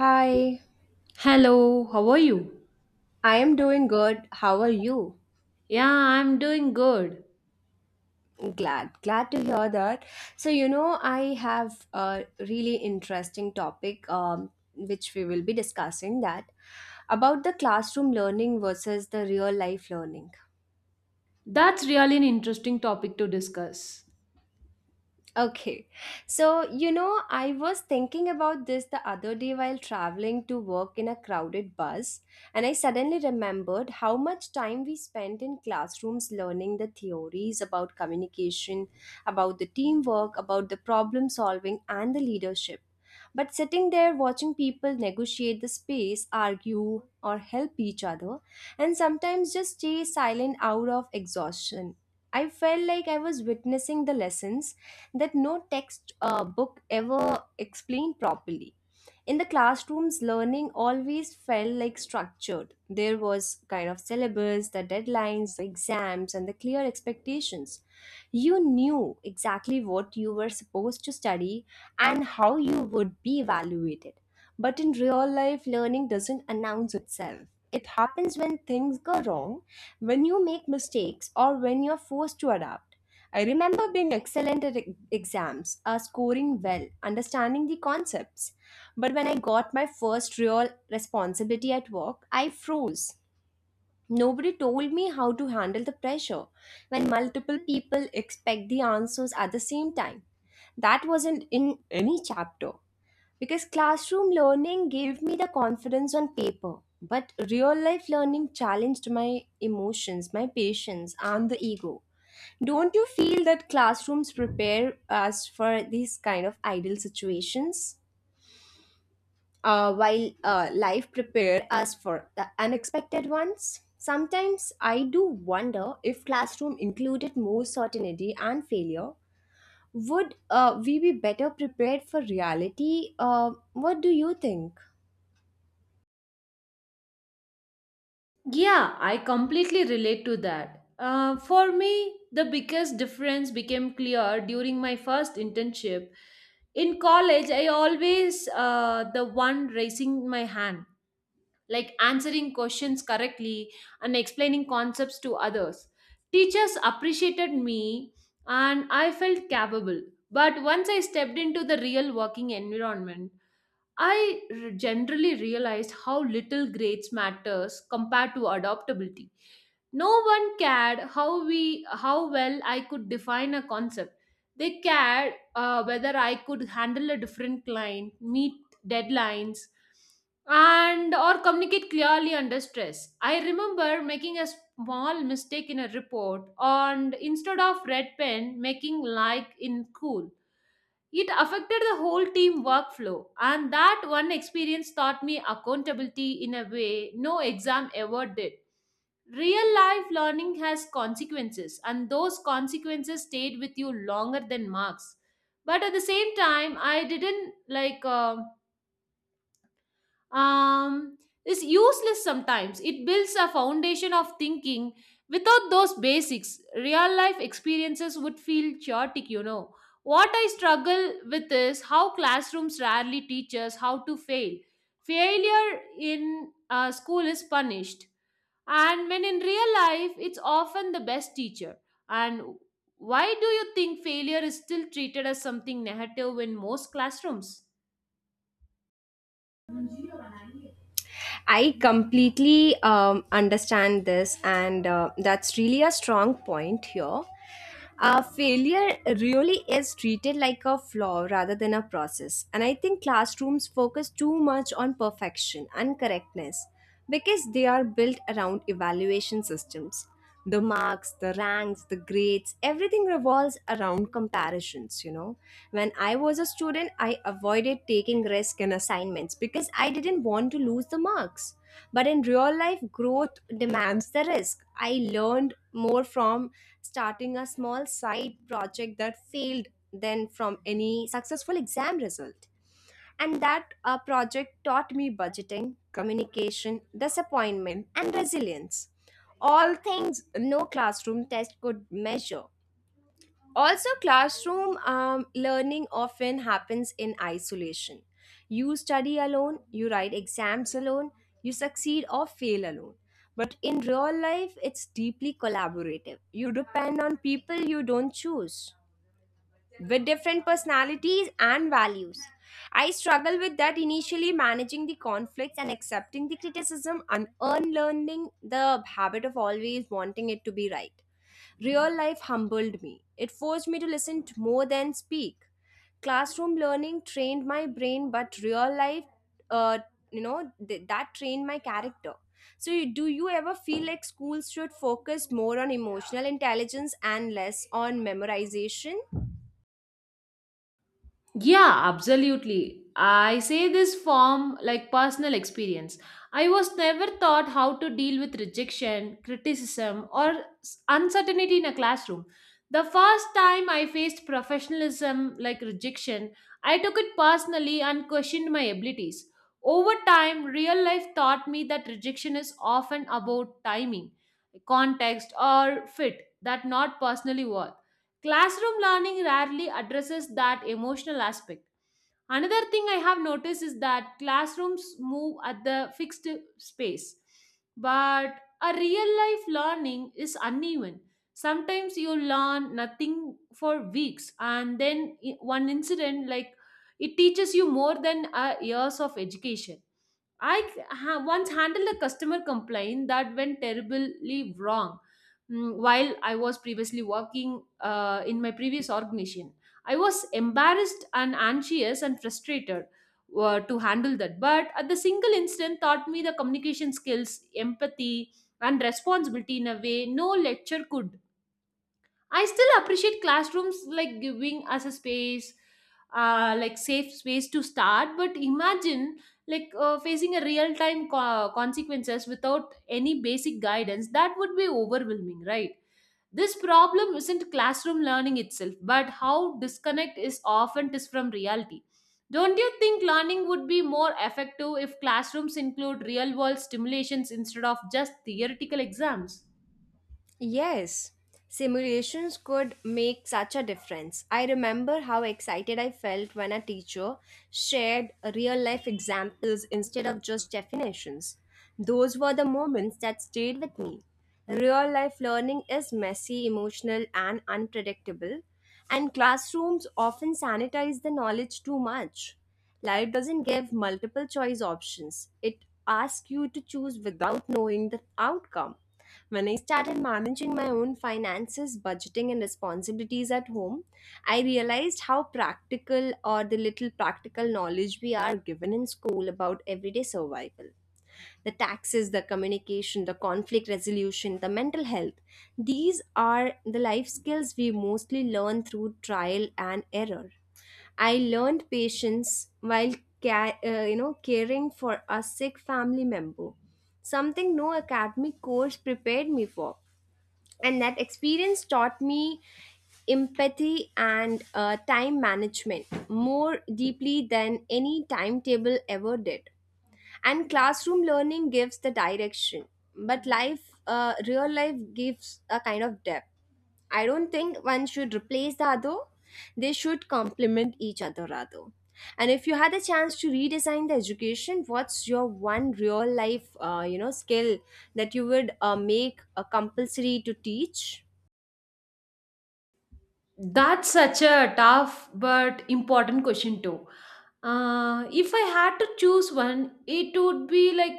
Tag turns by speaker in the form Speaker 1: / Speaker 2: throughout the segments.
Speaker 1: Hi,
Speaker 2: Hello, how are you?
Speaker 1: I am doing good. How are you?
Speaker 2: Yeah, I'm doing good.
Speaker 1: Glad, to hear that. I have a really interesting topic, which we will be discussing that about the classroom learning versus the real life learning.
Speaker 2: That's really an interesting topic to discuss.
Speaker 1: Okay. I was thinking about this the other day while traveling to work in a crowded bus, and I suddenly remembered how much time we spent in classrooms learning the theories about communication, about the teamwork, about the problem solving, and the leadership. But sitting there watching people negotiate the space, argue, or help each other, and sometimes just stay silent out of exhaustion. I felt like I was witnessing the lessons that no text book ever explained properly in the classrooms, learning always felt like structured. There was kind of syllabus, the deadlines, the exams, and the clear expectations. You knew exactly what you were supposed to study and how you would be evaluated. But in real life, learning doesn't announce itself. It happens when things go wrong, when you make mistakes, or when you're forced to adapt. I remember being excellent at exams, scoring well, understanding the concepts. But when I got my first real responsibility at work, I froze. Nobody told me how to handle the pressure when multiple people expect the answers at the same time. That wasn't in any chapter because classroom learning gave me the confidence on paper, but real life learning challenged my emotions, my patience, and the ego. Don't you feel that classrooms prepare us for these kind of ideal situations, while life prepared us for the unexpected ones? Sometimes I do wonder, if classroom included more certainty and failure, would we be better prepared for reality? What do you think?
Speaker 2: Yeah, I completely relate to that. For me, the biggest difference became clear during my first internship. In college, I always the one raising my hand, like answering questions correctly and explaining concepts to others. Teachers appreciated me and I felt capable. But once I stepped into the real working environment, I generally realized how little grades matters compared to adaptability. No one cared how well I could define a concept. They cared whether I could handle a different client, meet deadlines, and or communicate clearly under stress. I remember making a small mistake in a report, and instead of red pen making like in cool, it affected the whole team workflow, and that one experience taught me accountability in a way no exam ever did. Real life learning has consequences, and those consequences stayed with you longer than marks. But at the same time, I didn't like. Um, is useless sometimes. It builds a foundation of thinking. Without those basics, real life experiences would feel chaotic. What I struggle with is how classrooms rarely teach us how to fail. Failure in school is punished, and when in real life, it's often the best teacher. And why do you think failure is still treated as something negative in most classrooms?
Speaker 1: I completely understand this, and that's really a strong point here. Failure really is treated like a flaw rather than a process. And I think classrooms focus too much on perfection and correctness because they are built around evaluation systems, the marks, the ranks, the grades, everything revolves around comparisons, you know. When I was a student, I avoided taking risk in assignments because I didn't want to lose the marks. But in real life, growth demands the risk. I learned more from starting a small side project that failed than from any successful exam result, and that project taught me budgeting, communication, disappointment, and resilience. All things no classroom test could measure. Also, classroom learning often happens in isolation. You study alone, you write exams alone, you succeed or fail alone. But in real life, it's deeply collaborative. You depend on people you don't choose, with different personalities and values. I struggled with that initially, managing the conflicts and accepting the criticism and unlearning the habit of always wanting it to be right. Real life humbled me. It forced me to listen to more than speak. Classroom learning trained my brain, but real life, uh, you know, th- that trained my character. So, you, do you ever feel like schools should focus more on emotional intelligence and less on memorization?
Speaker 2: Yeah, absolutely. I say this from like personal experience. I was never taught how to deal with rejection, criticism, or uncertainty in a classroom. The first time I faced professionalism like rejection, I took it personally and questioned my abilities. Over time, real life taught me that rejection is often about timing, context, or fit, that not personally worth. Classroom learning rarely addresses that emotional aspect. Another thing I have noticed is that classrooms move at the fixed space, but a real life learning is uneven. Sometimes you learn nothing for weeks, and then one incident like it teaches you more than years of education. I once handled a customer complaint that went terribly wrong while I was previously working in my previous organization. I was embarrassed and anxious and frustrated to handle that. But at the single instant, taught me the communication skills, empathy, and responsibility in a way no lecture could. I still appreciate classrooms like giving us a space, like safe space to start. But imagine like facing a real time consequences without any basic guidance. That would be overwhelming, right? This problem isn't classroom learning itself, but how disconnect is often is from reality. Don't you think learning would be more effective if classrooms include real world stimulations instead of just theoretical exams?
Speaker 1: Yes, simulations could make such a difference. I remember how excited I felt when a teacher shared real life examples instead of just definitions. Those were the moments that stayed with me. Real life learning is messy, emotional, and unpredictable, and classrooms often sanitize the knowledge too much. Life doesn't give multiple choice options. It asks you to choose without knowing the outcome. When I started managing my own finances, budgeting, and responsibilities at home, I realized how practical, or the little practical knowledge we are given in school about everyday survival, the taxes, the communication, the conflict resolution, the mental health. These are the life skills we mostly learn through trial and error. I learned patience while caring for a sick family member, something no academic course prepared me for. And that experience taught me empathy and time management more deeply than any timetable ever did. And classroom learning gives the direction, but life real life gives a kind of depth. I don't think one should replace the other. They should complement each other rather. And if you had a chance to redesign the education, what's your one real life skill that you would make a compulsory to teach?
Speaker 2: That's such a tough but important question too. If I had to choose one, it would be like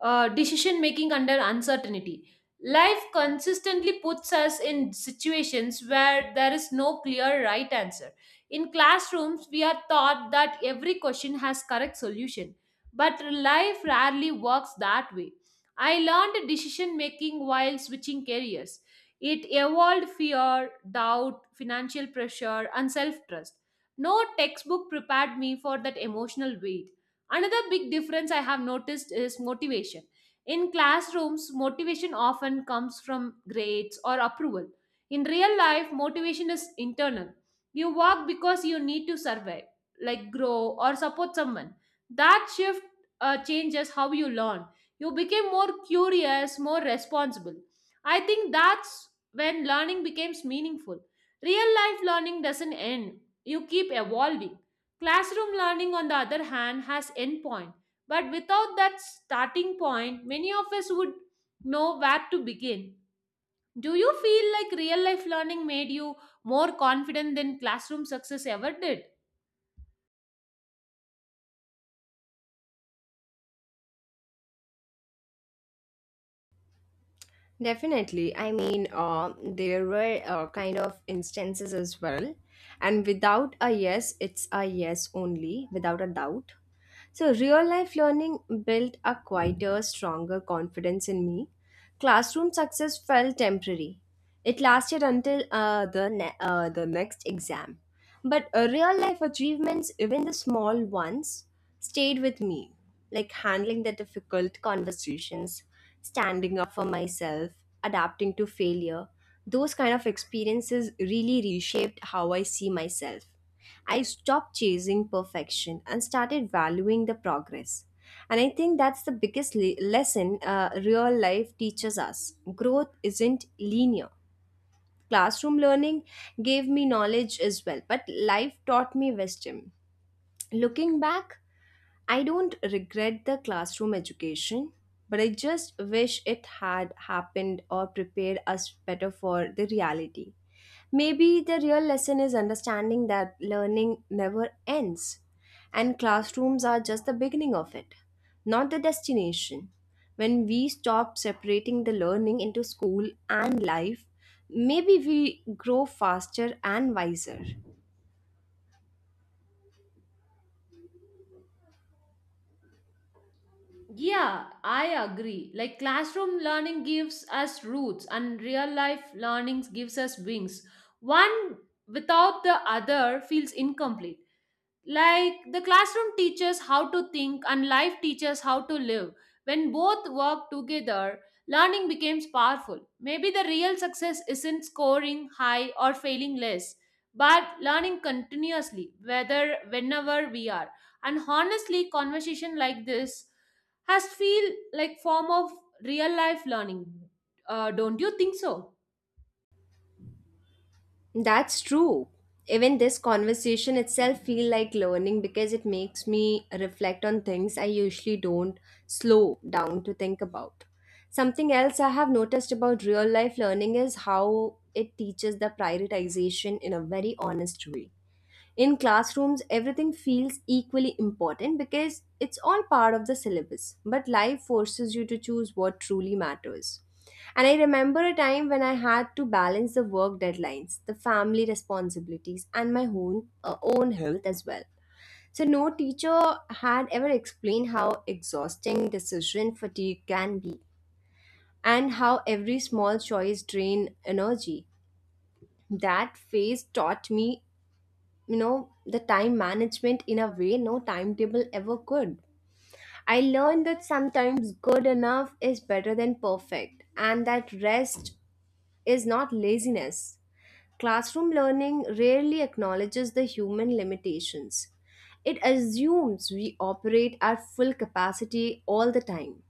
Speaker 2: decision making under uncertainty. Life consistently puts us in situations where there is no clear right answer. In classrooms, we are taught that every question has correct solution, but life rarely works that way. I learned decision making while switching careers. It evolved fear, doubt, financial pressure, and self trust. No textbook prepared me for that emotional weight. Another big difference I have noticed is motivation. In classrooms, motivation often comes from grades or approval. In real life, motivation is internal. You work because you need to survive, like grow or support someone. That shift changes how you learn. You became more curious, more responsible. I think that's when learning becomes meaningful. Real life learning doesn't end, you keep evolving. Classroom learning, on the other hand, has endpoint. But without that starting point, many of us would know where to begin. Do you feel like real life learning made you more confident than classroom success ever did?
Speaker 1: Definitely. I mean, there were kind of instances as well. And without a yes, it's a yes only, without a doubt. So, real life learning built a quieter, stronger confidence in me. Classroom success felt temporary. It lasted until the next exam. But real life achievements, even the small ones, stayed with me. Like handling the difficult conversations, standing up for myself, adapting to failure. Those kind of experiences really reshaped how I see myself. I stopped chasing perfection and started valuing the progress. And I think that's the biggest lesson, real life teaches us. Growth isn't linear. Classroom learning gave me knowledge as well, but life taught me wisdom. Looking back, I don't regret the classroom education, but I just wish it had happened or prepared us better for the reality. Maybe the real lesson is understanding that learning never ends, and classrooms are just the beginning of it, not the destination. When we stop separating the learning into school and life, maybe we grow faster and wiser.
Speaker 2: Yeah, I agree. Like classroom learning gives us roots and real life learning gives us wings. One without the other feels incomplete. Like the classroom teaches how to think and life teaches how to live. When both work together, learning becomes powerful. Maybe the real success isn't scoring high or failing less, but learning continuously, whether whenever we are. And honestly, conversation like this has feel like form of real life learning. Don't you think so?
Speaker 1: That's true. Even this conversation itself feel like learning because it makes me reflect on things I usually don't slow down to think about. Something else I have noticed about real life learning is how it teaches the prioritization in a very honest way. In classrooms, everything feels equally important because it's all part of the syllabus, but life forces you to choose what truly matters. And I remember a time when I had to balance the work deadlines, the family responsibilities, and my own health as well. So, no teacher had ever explained how exhausting decision fatigue can be, and how every small choice drain energy. That phase taught me, you know, the time management in a way no timetable ever could. I learned that sometimes good enough is better than perfect, and that rest is not laziness. Classroom learning rarely acknowledges the human limitations. It assumes we operate at full capacity all the time.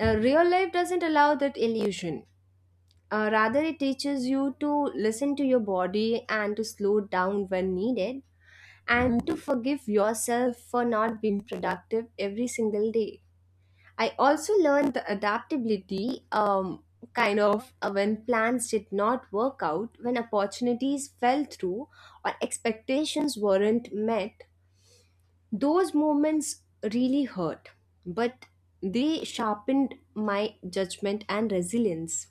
Speaker 1: Real life doesn't allow that illusion. Rather, it teaches you to listen to your body, and to slow down when needed, and to forgive yourself for not being productive every single day. I also learned the adaptability, when plans did not work out, when opportunities fell through, or expectations weren't met. Those moments really hurt, but they sharpened my judgment and resilience.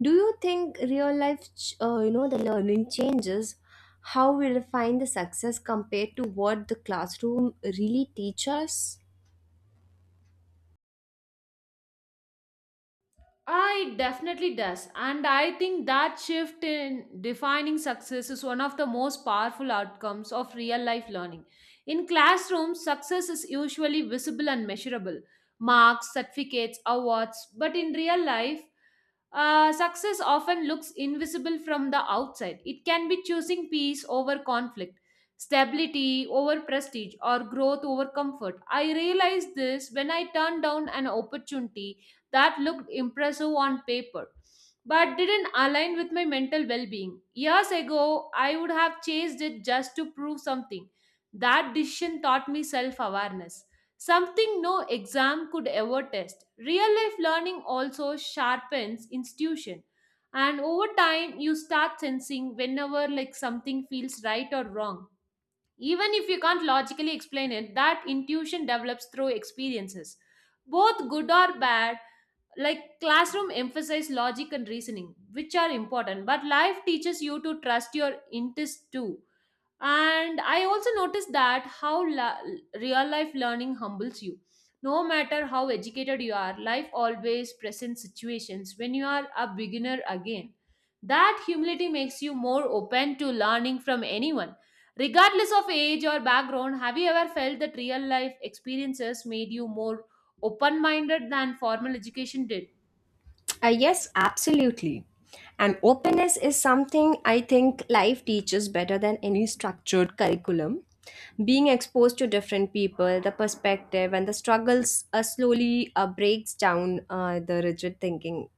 Speaker 1: Do you think real life, the learning changes how we refine the success compared to what the classroom really teaches us?
Speaker 2: Ah, it definitely does. And I think that shift in defining success is one of the most powerful outcomes of real life learning. In classrooms, success is usually visible and measurable marks, certificates, awards. But in real life, success often looks invisible from the outside. It can be choosing peace over conflict, stability over prestige, or growth over comfort. I realized this when I turned down an opportunity that looked impressive on paper but didn't align with my mental well being. Years ago, I would have chased it just to prove something. That decision taught me self awareness. Something no exam could ever test. Real life learning also sharpens intuition. And over time, you start sensing whenever like something feels right or wrong. Even if you can't logically explain it, that intuition develops through experiences. Both good or bad, like classroom emphasize logic and reasoning, which are important, but life teaches you to trust your instincts too. And I also noticed that how real life learning humbles you. No matter how educated you are, life always presents situations when you are a beginner again. That humility makes you more open to learning from anyone regardless of age or background. Have you ever felt that real life experiences made you more open minded than formal education did?
Speaker 1: Yes, absolutely. And openness is something I think life teaches better than any structured curriculum. Being exposed to different people, the perspective, and the struggles, slowly breaks down the rigid thinking.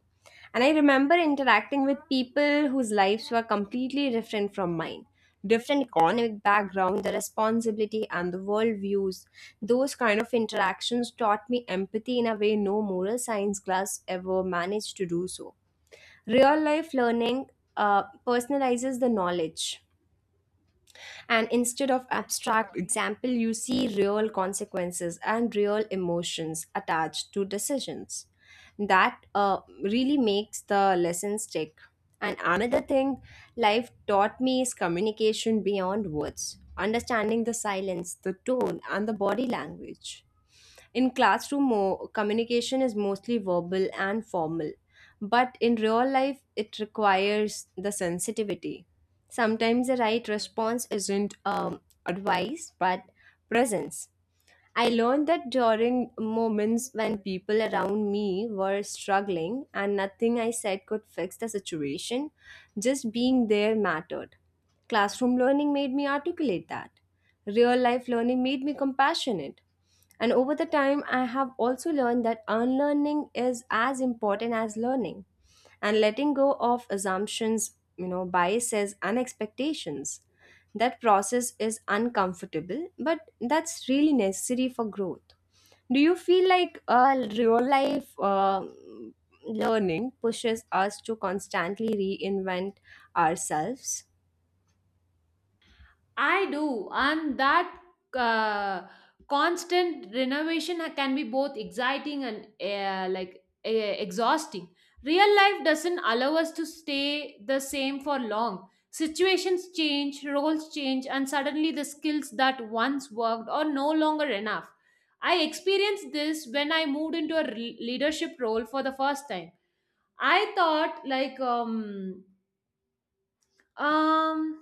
Speaker 1: And I remember interacting with people whose lives were completely different from mine. Different economic background, the responsibility, and the world views. Those kind of interactions taught me empathy in a way no moral science class ever managed to do so. Real life learning personalizes the knowledge, and instead of abstract example, you see real consequences and real emotions attached to decisions. That really makes the lesson stick. And another thing life taught me is communication beyond words, understanding the silence, the tone, and the body language. In classroom, communication is mostly verbal and formal, but in real life, it requires the sensitivity. Sometimes the right response isn't advice but presence. I learned that during moments when people around me were struggling and nothing I said could fix the situation, just being there mattered. Classroom learning made me articulate that. Real life learning made me compassionate. And over the time, I have also learned that unlearning is as important as learning, and letting go of assumptions, you know, biases, and expectations. That process is uncomfortable, but that's really necessary for growth. Do you feel like real life learning pushes us to constantly reinvent ourselves?
Speaker 2: I do, and that uh, constant renovation can be both exciting and like exhausting. Real life doesn't allow us to stay the same for long. Situations change, roles change, and suddenly the skills that once worked are no longer enough. I experienced this when I moved into a leadership role for the first time. I thought like um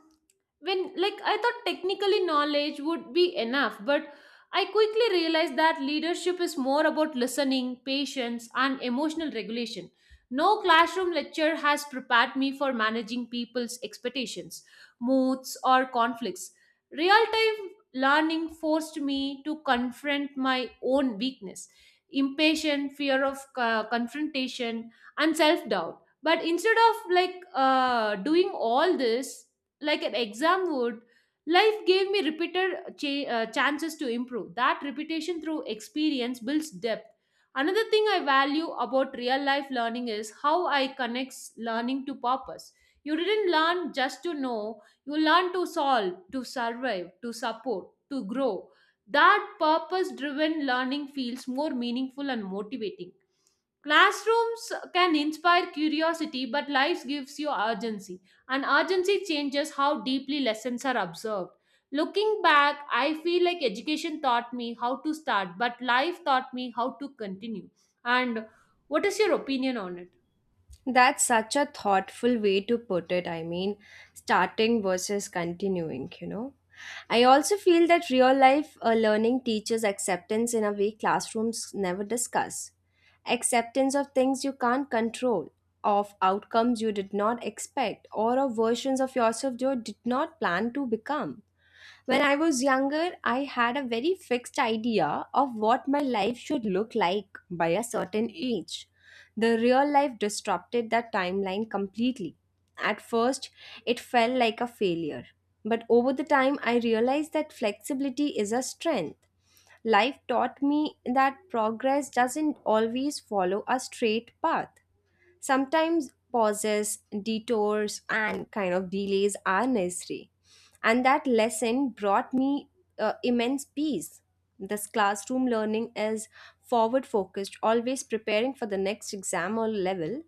Speaker 2: when like I thought technically knowledge would be enough, but I quickly realized that leadership is more about listening, patience, and emotional regulation. No classroom lecture has prepared me for managing people's expectations, moods, or conflicts. Real time learning forced me to confront my own weakness, impatient, fear of confrontation, and self doubt. But instead of like doing all this like an exam would, life gave me repeated chances to improve. That repetition through experience builds depth. Another thing I value about real life learning is how I connects learning to purpose. You didn't learn just to know, you learn to solve, to survive, to support, to grow. That purpose driven learning feels more meaningful and motivating. Classrooms can inspire curiosity, but life gives you urgency, and urgency changes how deeply lessons are observed. Looking back, I feel like education taught me how to start, but life taught me how to continue. And what is your opinion on it?
Speaker 1: That's such a thoughtful way to put it. I mean, starting versus continuing, you know. I also feel that real life learning teaches acceptance in a way classrooms never discuss. Acceptance of things you can't control, of outcomes you did not expect, or of versions of yourself you did not plan to become. When I was younger, I had a very fixed idea of what my life should look like by a certain age. The real life disrupted that timeline completely. At first, it felt like a failure. But over the time, I realized that flexibility is a strength. Life taught me that progress doesn't always follow a straight path. Sometimes pauses, detours, and kind of delays are necessary. And that lesson brought me immense peace. This classroom learning is forward focused, always preparing for the next exam or level.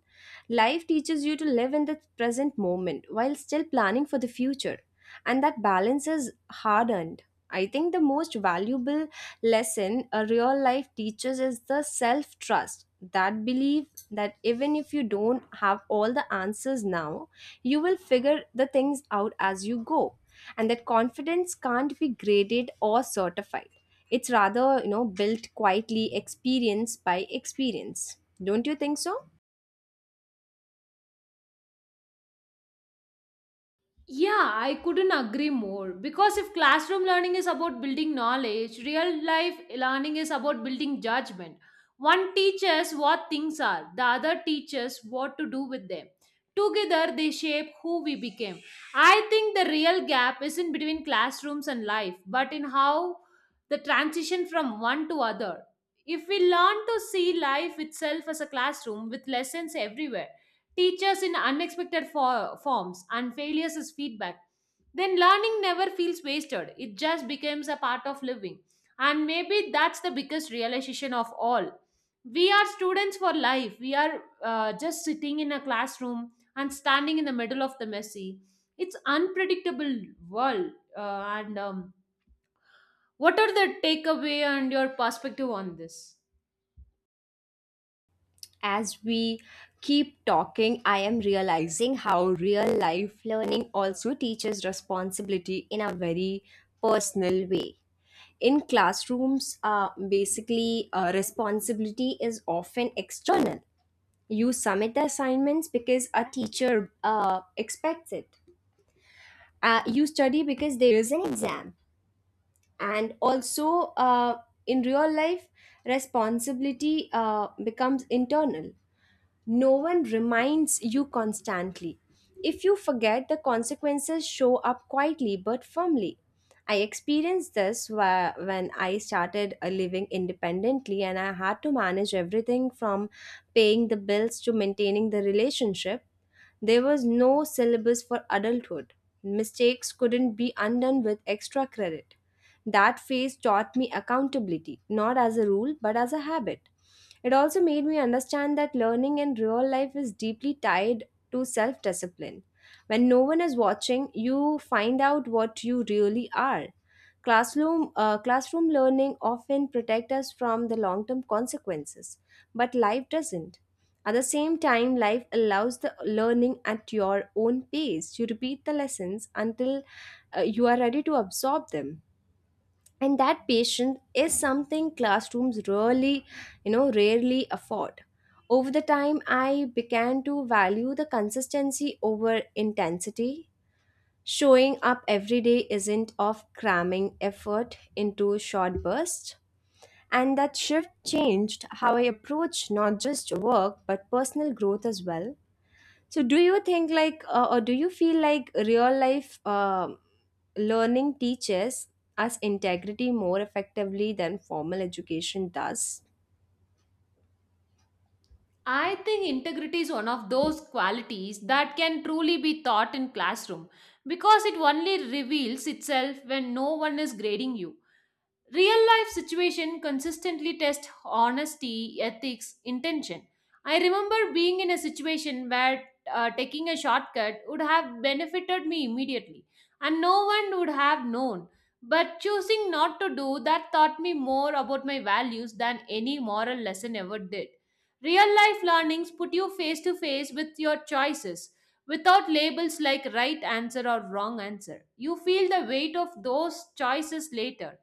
Speaker 1: Life teaches you to live in the present moment while still planning for the future, and that balance is hard earned. I think the most valuable lesson a real life teaches is the self trust. That belief that even if you don't have all the answers now, you will figure the things out as you go. And that confidence can't be graded or certified. It's rather, built quietly experience by experience. Don't you think so?
Speaker 2: Yeah, I couldn't agree more. Because if classroom learning is about building knowledge, real life learning is about building judgment. One teaches what things are, the other teaches what to do with them. Together, they shape who we became. I think the real gap isn't between classrooms and life, but in how the transition from one to other. If we learn to see life itself as a classroom with lessons everywhere, teachers in unexpected forms, and failures as feedback, then learning never feels wasted. It just becomes a part of living. And maybe that's the biggest realization of all. We are students for life. We are just sitting in a classroom and standing in the middle of the messy. It's unpredictable world. And what are the takeaway and your perspective on this?
Speaker 1: As we keep talking, I am realizing how real life learning also teaches responsibility in a very personal way. In classrooms, basically, responsibility is often external. You submit the assignments because a teacher expects it. You study because there is an exam. And also, in real life, responsibility becomes internal. No one reminds you constantly. If you forget, the consequences show up quietly but firmly. I experienced this when I started living independently, and I had to manage everything from paying the bills to maintaining the relationship. There was no syllabus for adulthood. Mistakes couldn't be undone with extra credit. That phase taught me accountability, not as a rule, but as a habit. It also made me understand that learning in real life is deeply tied to self discipline. When no one is watching, you find out what you really are. Classroom learning often protects us from the long term consequences, but life doesn't. At the same time, life allows the learning at your own pace. You repeat the lessons until you are ready to absorb them, and that patience is something classrooms really, you know, rarely afford. Over the time, I began to value the consistency over intensity. Showing up every day isn't of cramming effort into short bursts, and that shift changed how I approach not just work but personal growth as well. So, do you think like, or do you feel like real life learning teaches us integrity more effectively than formal education does?
Speaker 2: I think integrity is one of those qualities that can truly be taught in classroom because it only reveals itself when no one is grading you. Real life situation consistently test honesty, ethics, intention. I remember being in a situation where taking a shortcut would have benefited me immediately and no one would have known. But choosing not to do that taught me more about my values than any moral lesson ever did. Real life learnings put you face to face with your choices without labels like right answer or wrong answer. You feel the weight of those choices later.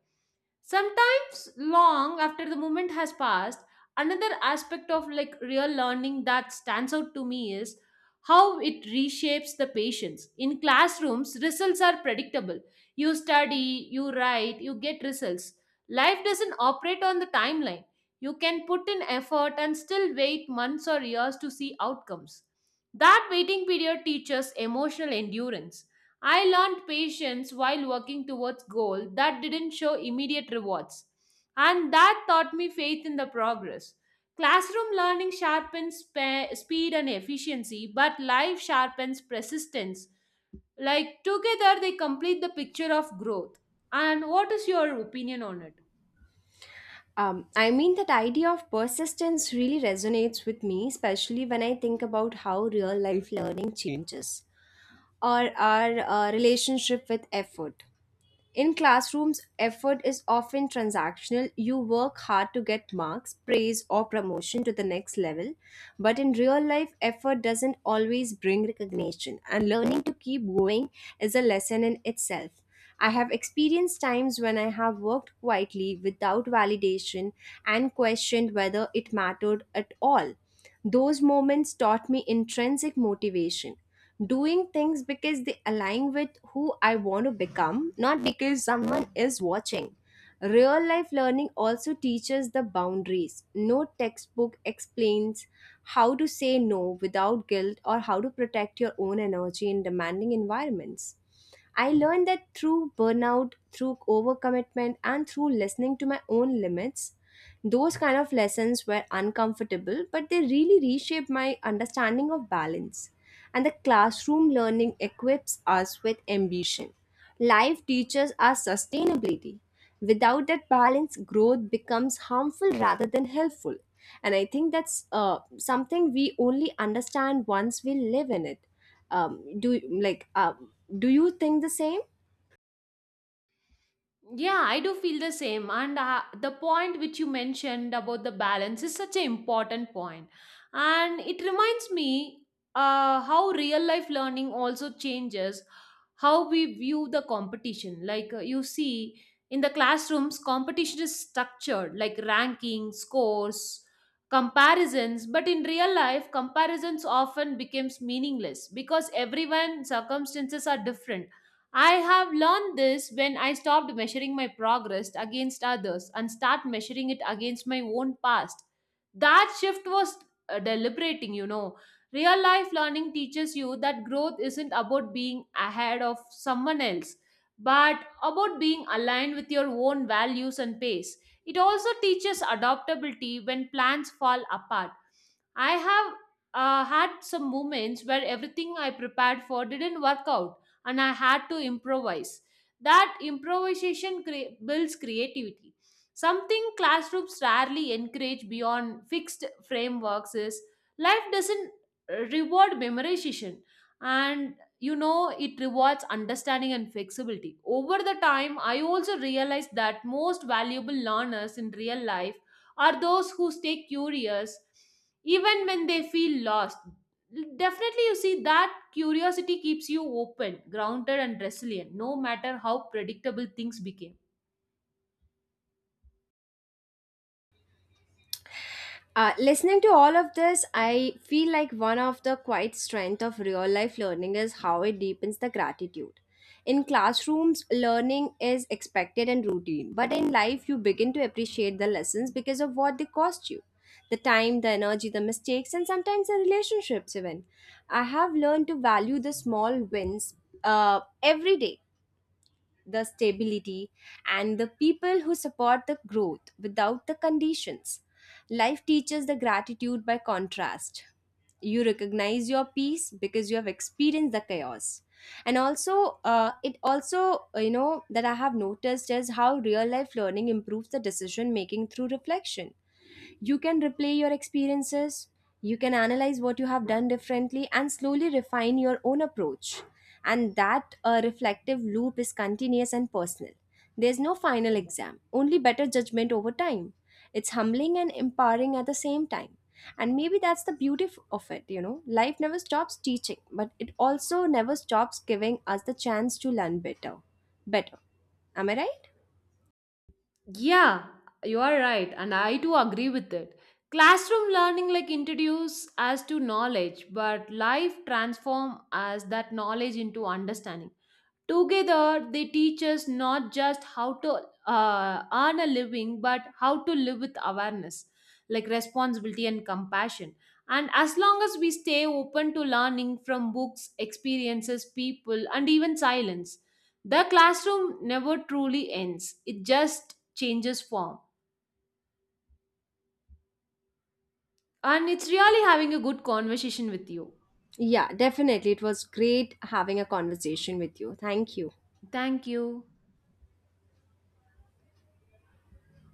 Speaker 2: Sometimes long after the moment has passed, another aspect of like real learning that stands out to me is how it reshapes the patience. In classrooms, results are predictable. You study, you write, you get results. Life doesn't operate on the timeline. You can put in effort and still wait months or years to see outcomes. That waiting period teaches emotional endurance. I learned patience while working towards goal that didn't show immediate rewards, and that taught me faith in the progress. Classroom learning sharpens speed and efficiency, but life sharpens persistence. Like together they complete the picture of growth. And what is your opinion on it?
Speaker 1: I mean, that idea of persistence really resonates with me, especially when I think about how real life learning changes or our relationship with effort. In classrooms, effort is often transactional. You work hard to get marks, praise, or promotion to the next level. But in real life, effort doesn't always bring recognition, and learning to keep going is a lesson in itself. I have experienced times when I have worked quietly without validation and questioned whether it mattered at all. Those moments taught me intrinsic motivation, doing things because they align with who I want to become, not because someone is watching. Real life learning also teaches the boundaries. No textbook explains how to say no without guilt or how to protect your own energy in demanding environments. I learned that through burnout, through overcommitment, and through listening to my own limits. Those kind of lessons were uncomfortable, but they really reshaped my understanding of balance. And the classroom learning equips us with ambition. Life teaches us sustainability. Without that balance, growth becomes harmful rather than helpful. And I think that's something we only understand once we live in it. um, do like uh, do you think the same?
Speaker 2: Yeah, I do feel the same. And the point which you mentioned about the balance is such an important point. And it reminds me how real life learning also changes how we view the competition. Like you see, in the classrooms, competition is structured like ranking, scores, comparisons. But in real life, comparisons often becomes meaningless because everyone circumstances are different. I have learned this when I stopped measuring my progress against others and start measuring it against my own past. That shift was deliberating. Real life learning teaches you that growth isn't about being ahead of someone else, but about being aligned with your own values and pace. It also teaches adaptability when plans fall apart. I have had some moments where everything I prepared for didn't work out, and I had to improvise. That improvisation builds creativity. Something classrooms rarely encourage beyond fixed frameworks is life doesn't reward memorization, and it rewards understanding and flexibility. Over the time, I also realized that most valuable learners in real life are those who stay curious even when they feel lost. Definitely you see that. Curiosity keeps you open, grounded, and resilient, no matter how predictable things became.
Speaker 1: Listening to all of this, I feel like one of the quite strength of real life learning is how it deepens the gratitude. In classrooms, learning is expected and routine, but in life you begin to appreciate the lessons because of what they cost you: the time, the energy, the mistakes, and sometimes the relationships even. I have learned to value the small wins, uh, every day, the stability, and the people who support the growth without the conditions. Life teaches the gratitude by contrast. You recognize your peace because you have experienced the chaos. And also, you know, that I have noticed is how real life learning improves the decision making through reflection. You can replay your experiences, you can analyze what you have done differently, and slowly refine your own approach. And that reflective loop is continuous and personal. There's no final exam, only better judgment over time. It's humbling and empowering at the same time. And maybe that's the beauty of it, you know. Life never stops teaching, but it also never stops giving us the chance to learn better. Better. Am I right?
Speaker 2: Yeah, you are right, and I too agree with it. Classroom learning like introduce us to knowledge, but life transform us that knowledge into understanding. Together, they teach us not just how to earn a living, but how to live with awareness, like responsibility and compassion. And as long as we stay open to learning from books, experiences, people, and even silence, the classroom never truly ends. It just changes form. And it's really having a good conversation with you.
Speaker 1: Yeah, definitely. It was great having a conversation with you. Thank you.
Speaker 2: Thank you.